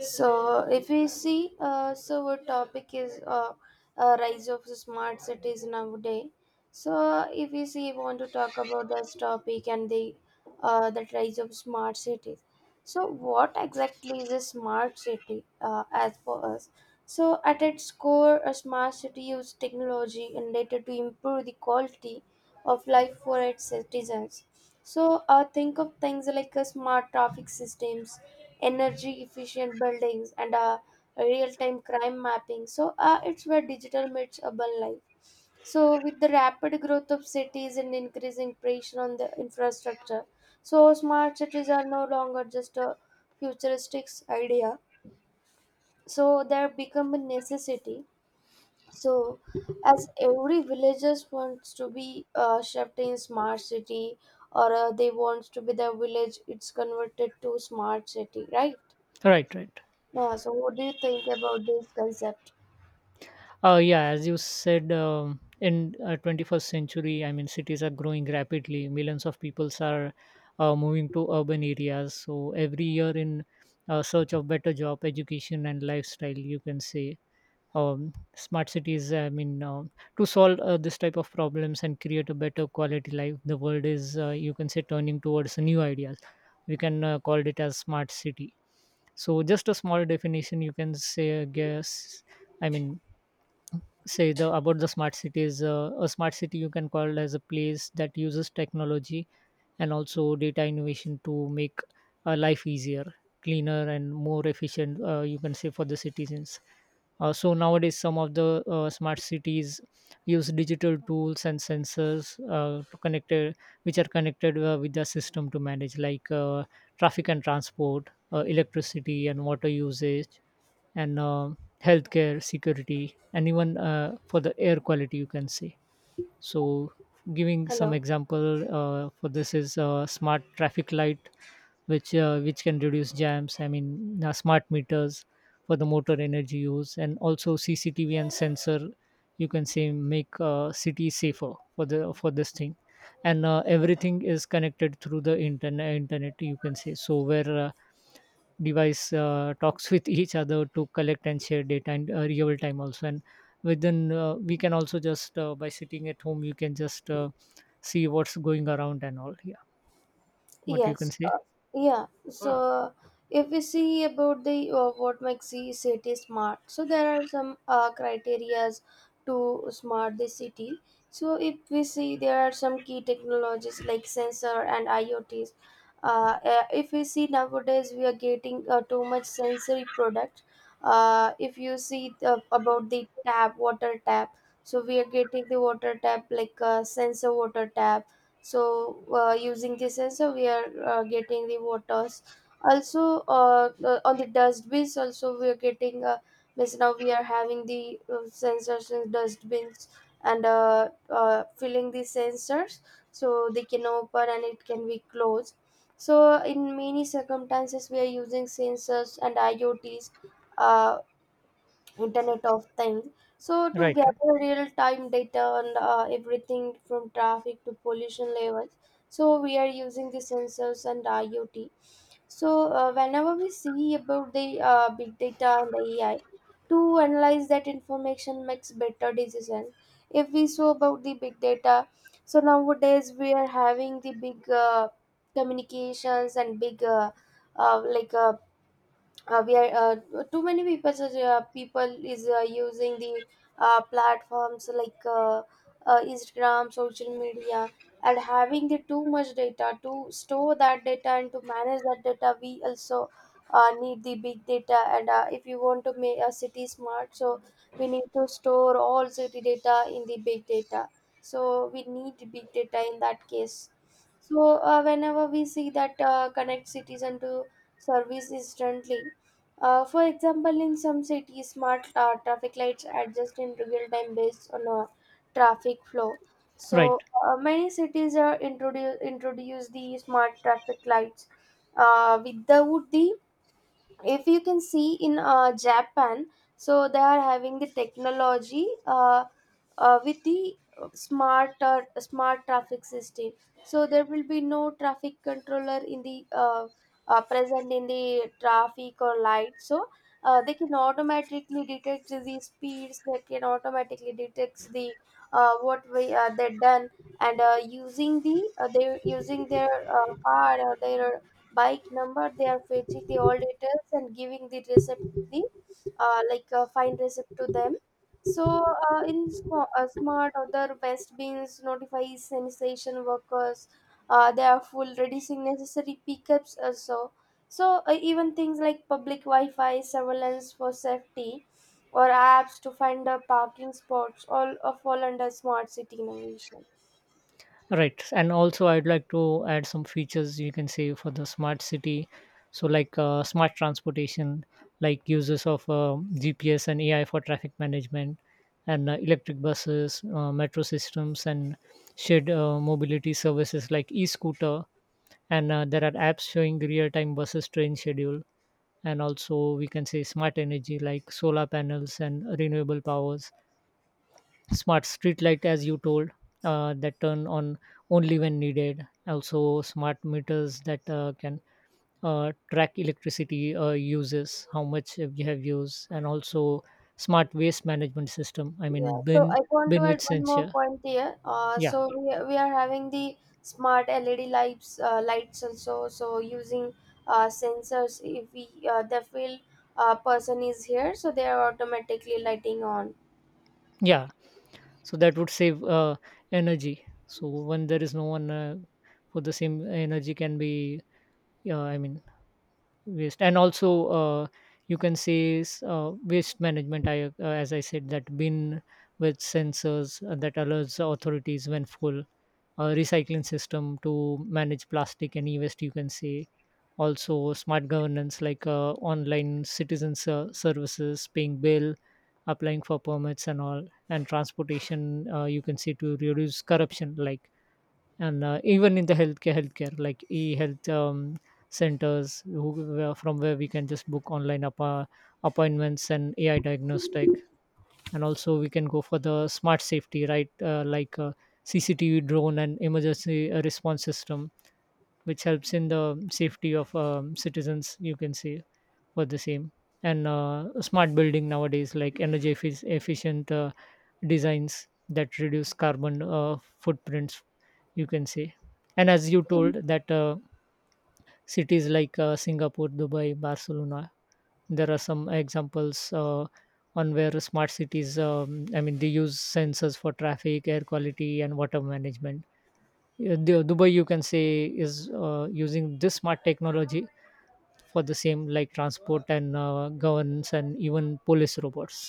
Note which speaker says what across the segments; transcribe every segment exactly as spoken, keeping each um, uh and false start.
Speaker 1: So, if we see, uh, so our topic is uh, uh, rise of the smart cities nowadays. So, if we see, want to talk about this topic and the uh, that rise of smart cities. So, what exactly is a smart city uh, as for us? So, at its core, a smart city uses technology and data to improve the quality of life for its citizens. So, uh, think of things like a smart traffic systems, energy efficient buildings, and uh, real time crime mapping. So uh, it's where digital meets urban life. So with the rapid growth of cities and increasing pressure on the infrastructure, so smart cities are no longer just a futuristic idea, so they have become a necessity. So as every villagers wants to be uh, shaped in smart city, or uh, they wants to be the village it's converted to smart city, right?
Speaker 2: Right, right.
Speaker 1: Yeah, so what do you think about this concept?
Speaker 2: Uh, yeah, as you said, um, in uh, twenty-first century, I mean, cities are growing rapidly. Millions of peoples are uh, moving to urban areas. So every year, in uh, search of better job, education, and lifestyle, you can say um, smart cities. I mean, um to solve uh, this type of problems and create a better quality life, the world is, uh, you can say, turning towards new ideas. We can uh, call it as smart city, so just a small definition, you can say, I guess. I mean say the about the smart cities, uh, a smart city you can call as a place that uses technology and also data innovation to make uh, life easier, cleaner and more efficient, uh, you can say, for the citizens. Uh, so nowadays some of the uh, smart cities use digital tools and sensors uh, to connected, which are connected uh, with the system to manage, like, uh, traffic and transport, uh, electricity and water usage, and um healthcare, security, and even uh, for the air quality, you can say. So giving some
Speaker 1: Hello.
Speaker 2: example uh, for this is, uh, smart traffic light which uh, which can reduce jams. I mean, uh, smart meters for the motor energy use, and also CCTV and sensor, you can say, make uh, city safer for the for this thing. And uh, everything is connected through the internet internet you can say, so where uh, device uh, talks with each other to collect and share data in uh, real time also. And within, uh, we can also just uh, by sitting at home, you can just uh, see what's going around and all, yeah, what you
Speaker 1: Yes,
Speaker 2: can say.
Speaker 1: uh, yeah. Mm. So if we see about the uh, what makes the city smart, so there are some uh, criterias to smart the city. So if we see there are some key technologies like sensor and IoTs. Uh, uh, if we see nowadays we are getting uh, too much sensory product. Uh, if you see the, about the tap, water tap. So we are getting the water tap like uh, sensor water tap. So uh, using this sensor we are uh, getting the waters. Also, uh, uh, on the dust bins also we are getting uh, means now we are having the uh, sensors in dust bins, and uh, uh, filling the sensors, so they can open and it can be closed. So in many circumstances we are using sensors and IoTs, uh, internet of things, so to
Speaker 2: Right, right,
Speaker 1: gather real time data on uh, everything from traffic to pollution levels. So we are using the sensors and IoT. So uh, whenever we see about the uh, big data and the AI to analyze that information makes better decisions. If we saw about the big data, so nowadays we are having the big uh, communications and big uh, uh, like uh, uh, we are uh, too many people is, uh, people is uh, using the uh, platforms like uh, uh, Instagram, social media, and having the too much data. To store that data and to manage that data we also uh, need the big data. And uh, if you want to make a city smart, so we need to store all city data in the big data. So we need big data in that case. So uh, whenever we see that uh, connect cities and to service instantly. Uh, for example, in some cities, smart uh, traffic lights adjust in real time based on a traffic flow.
Speaker 2: right.
Speaker 1: So uh, many cities are introduce introduce the smart traffic lights. Uh, without the, if you can see in uh, Japan, so they are having the technology uh, uh, with the uh, smart uh, smart traffic system. So there will be no traffic controller in the uh, uh, present in the traffic or light. So uh, they can automatically detect the speeds, they can automatically detect the uh, what way uh, they done. And uh, using the uh, they using their uh, car or their bike number, they are fetching the all details and giving the receipt to the uh, like uh, fine receipt to them. So uh, in sm- uh, smart other west beans notifies sanitation workers. Uh, they are full reducing necessary pickups also. So uh, even things like public Wi-Fi surveillance for safety, or apps to find the parking spots, all uh, fall under smart city innovation.
Speaker 2: Right. And also, I'd like to add some features, you can say, for the smart city. So, like, uh, smart transportation, like uses of uh, G P S and A I for traffic management, and uh, electric buses, uh, metro systems, and shared uh, mobility services like e scooter. And uh, there are apps showing real time buses train schedule. And also, we can say smart energy like solar panels and renewable powers, smart street light, as you told, uh, that turn on only when needed. Also, smart meters that uh, can uh, track electricity uh, uses, how much you have used, and also smart waste management system, I
Speaker 1: Yeah,
Speaker 2: mean,
Speaker 1: so
Speaker 2: bin
Speaker 1: I want to
Speaker 2: bin
Speaker 1: add
Speaker 2: with
Speaker 1: one more
Speaker 2: sensor.
Speaker 1: point here. Uh,
Speaker 2: Yeah,
Speaker 1: so we, are- we are having the smart L E D lights, uh, lights also. So using uh, sensors, if we uh, the field uh, person is here, so they are automatically lighting on.
Speaker 2: yeah, so that would save uh, energy. So when there is no one uh, for the same, energy can be, yeah, I mean, waste. And also, uh, you can say, s- uh, waste management, I uh, as I said, that bin with sensors uh, that alerts the authorities when full, a recycling system to manage plastic and e-waste, you can say. Also, smart governance like, uh, online citizen ser- services, paying bill, applying for permits and all, and transportation, uh, you can say, to reduce corruption, like. And uh, even in the healthcare healthcare like e-health, um, centers who, where, from where we can just book online appa- appointments and AI diagnostic. And also we can go for the smart safety, right, uh, like, uh, CCTV, drone, and emergency uh, response system, which helps in the safety of, um, citizens, you can say, for the same. And uh, smart building nowadays, like energy effi- efficient uh, designs that reduce carbon uh, footprints, you can say. And as you told, that uh, cities like, uh, Singapore, Dubai, Barcelona, there are some examples uh, on where smart cities, um, I mean, they use sensors for traffic, air quality, and water management. Yeah, Du- dubai, you can say, is uh, using this smart technology for the same, like transport and uh, governance and even police robots,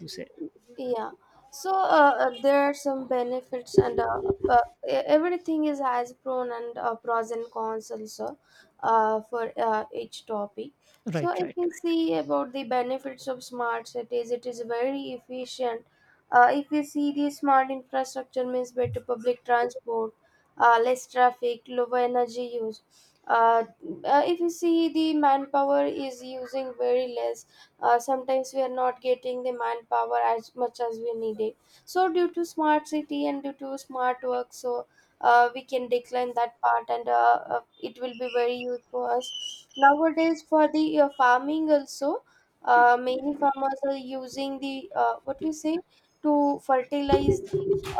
Speaker 2: you say.
Speaker 1: Yeah. So uh, uh, there are some benefits and uh, uh, e- everything is has pros and uh, pros and cons also uh, for uh, each topic. So
Speaker 2: Right,
Speaker 1: if
Speaker 2: right.
Speaker 1: you see about the benefits of smart cities, it is very efficient. Uh, if you see the smart infrastructure means better public transport, uh, less traffic, lower energy use. Uh, uh, if you see the manpower is using very less. Uh, sometimes we are not getting the manpower as much as we needed, so due to smart city and due to smart work, so uh, we can decline that part. And uh, uh, it will be very useful for us nowadays for the uh, farming also. Uh, many farmers are using the uh, what we say, to fertilize the,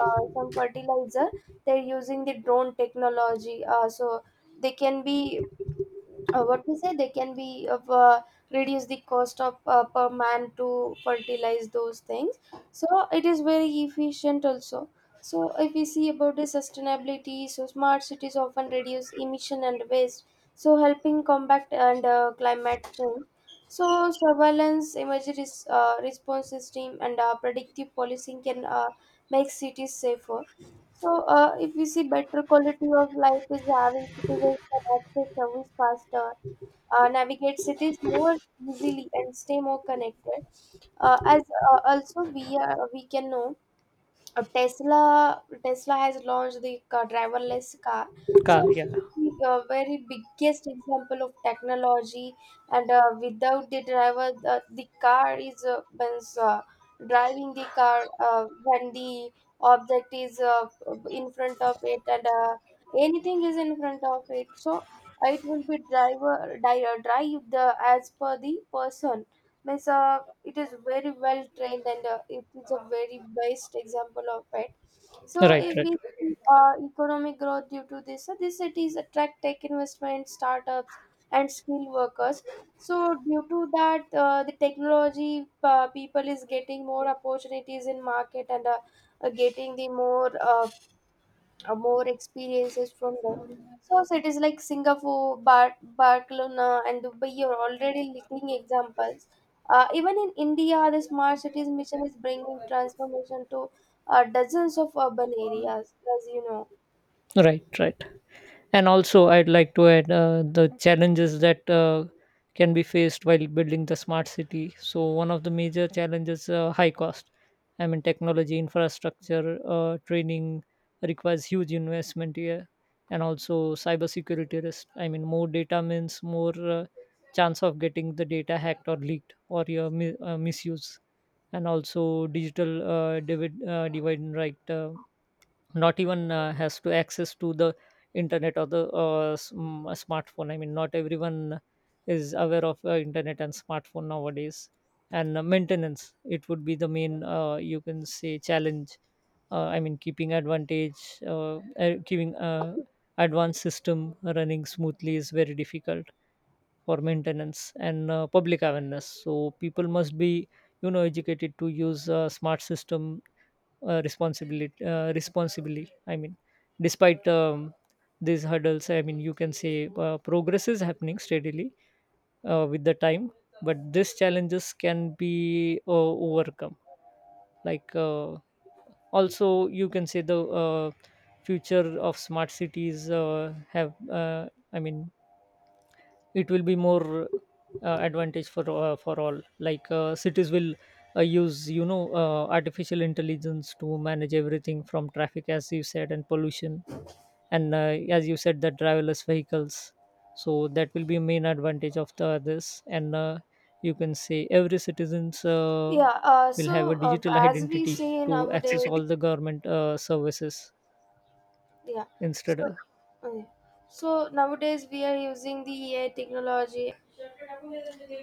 Speaker 1: uh, some fertilizer, they're using the drone technology. Uh, so they can be uh, what we say, they can be of uh, reduce the cost of uh, per man to fertilize those things. So it is very efficient also. So if we see about the sustainability, so smart cities often reduce emission and waste, so helping combat and uh, climate change. So surveillance, emergency res- uh, response system, and uh, predictive policing can uh, make cities safer. So uh, if we see better quality of life is having citizens can access service faster, uh, navigate cities more easily, and stay more connected. Uh, as uh, Also we are, we can know uh, Tesla Tesla has launched the car, driverless car. So
Speaker 2: Car, yeah.
Speaker 1: a very biggest example of technology. And uh, without the driver, the, the car is uh, means, uh, driving the car uh, when the object is uh, in front of it, and uh, anything is in front of it. So it will be driver di- uh, drive the as per the person. Means uh, it is very well trained, and uh, it is a very best example of it. So
Speaker 2: Right,
Speaker 1: if
Speaker 2: right.
Speaker 1: we see uh, economic growth due to this, so these cities attract tech investment, startups, and skilled workers. So due to that, uh, the technology uh, people is getting more opportunities in market, and uh, uh, getting the more uh, uh, more experiences from them. So cities like Singapore, Bar- Barcelona, and Dubai are already leading examples. Uh, even in India, the smart cities mission is bringing transformation to uh, dozens of urban areas, as you know.
Speaker 2: Right, right. And also, I'd like to add uh, the challenges that uh, can be faced while building the smart city. So, one of the major challenges, uh, high cost. I mean, technology, infrastructure, uh, training requires huge investment here. And also cybersecurity risk. I mean, more data means more uh, chance of getting the data hacked or leaked or your mi- uh, misuse. And also digital uh, divid- uh, divide and right. Uh, not even uh, has to access to the internet or the uh, s- mm, a smartphone. I mean, not everyone is aware of uh, internet and smartphone nowadays. And uh, maintenance, it would be the main, uh, you can say, challenge. uh, I mean, keeping advantage uh, uh, keeping uh, advanced system running smoothly is very difficult for maintenance. And uh, public awareness. So people must be, you know, educated to use uh, smart system, uh, responsibility uh, responsibly. I mean, despite um, these hurdles, I mean, you can say, uh, progress is happening steadily uh, with the time, but these challenges can be uh, overcome. Like, uh, also you can say, the uh, future of smart cities uh, have uh, I mean, it will be more uh, advantage for, uh, for all. Like, uh, cities will uh, use, you know, uh, artificial intelligence to manage everything from traffic, as you said, and pollution. And uh, as you said, the driverless vehicles, so that will be main advantage of the this. And uh, you can say every citizens uh,
Speaker 1: Yeah. Uh,
Speaker 2: will have a
Speaker 1: so uh,
Speaker 2: digital
Speaker 1: as we
Speaker 2: identity
Speaker 1: say
Speaker 2: to
Speaker 1: nowadays,
Speaker 2: access all the government uh, services
Speaker 1: yeah. So
Speaker 2: instead of
Speaker 1: okay. So nowadays we are using the A I technology.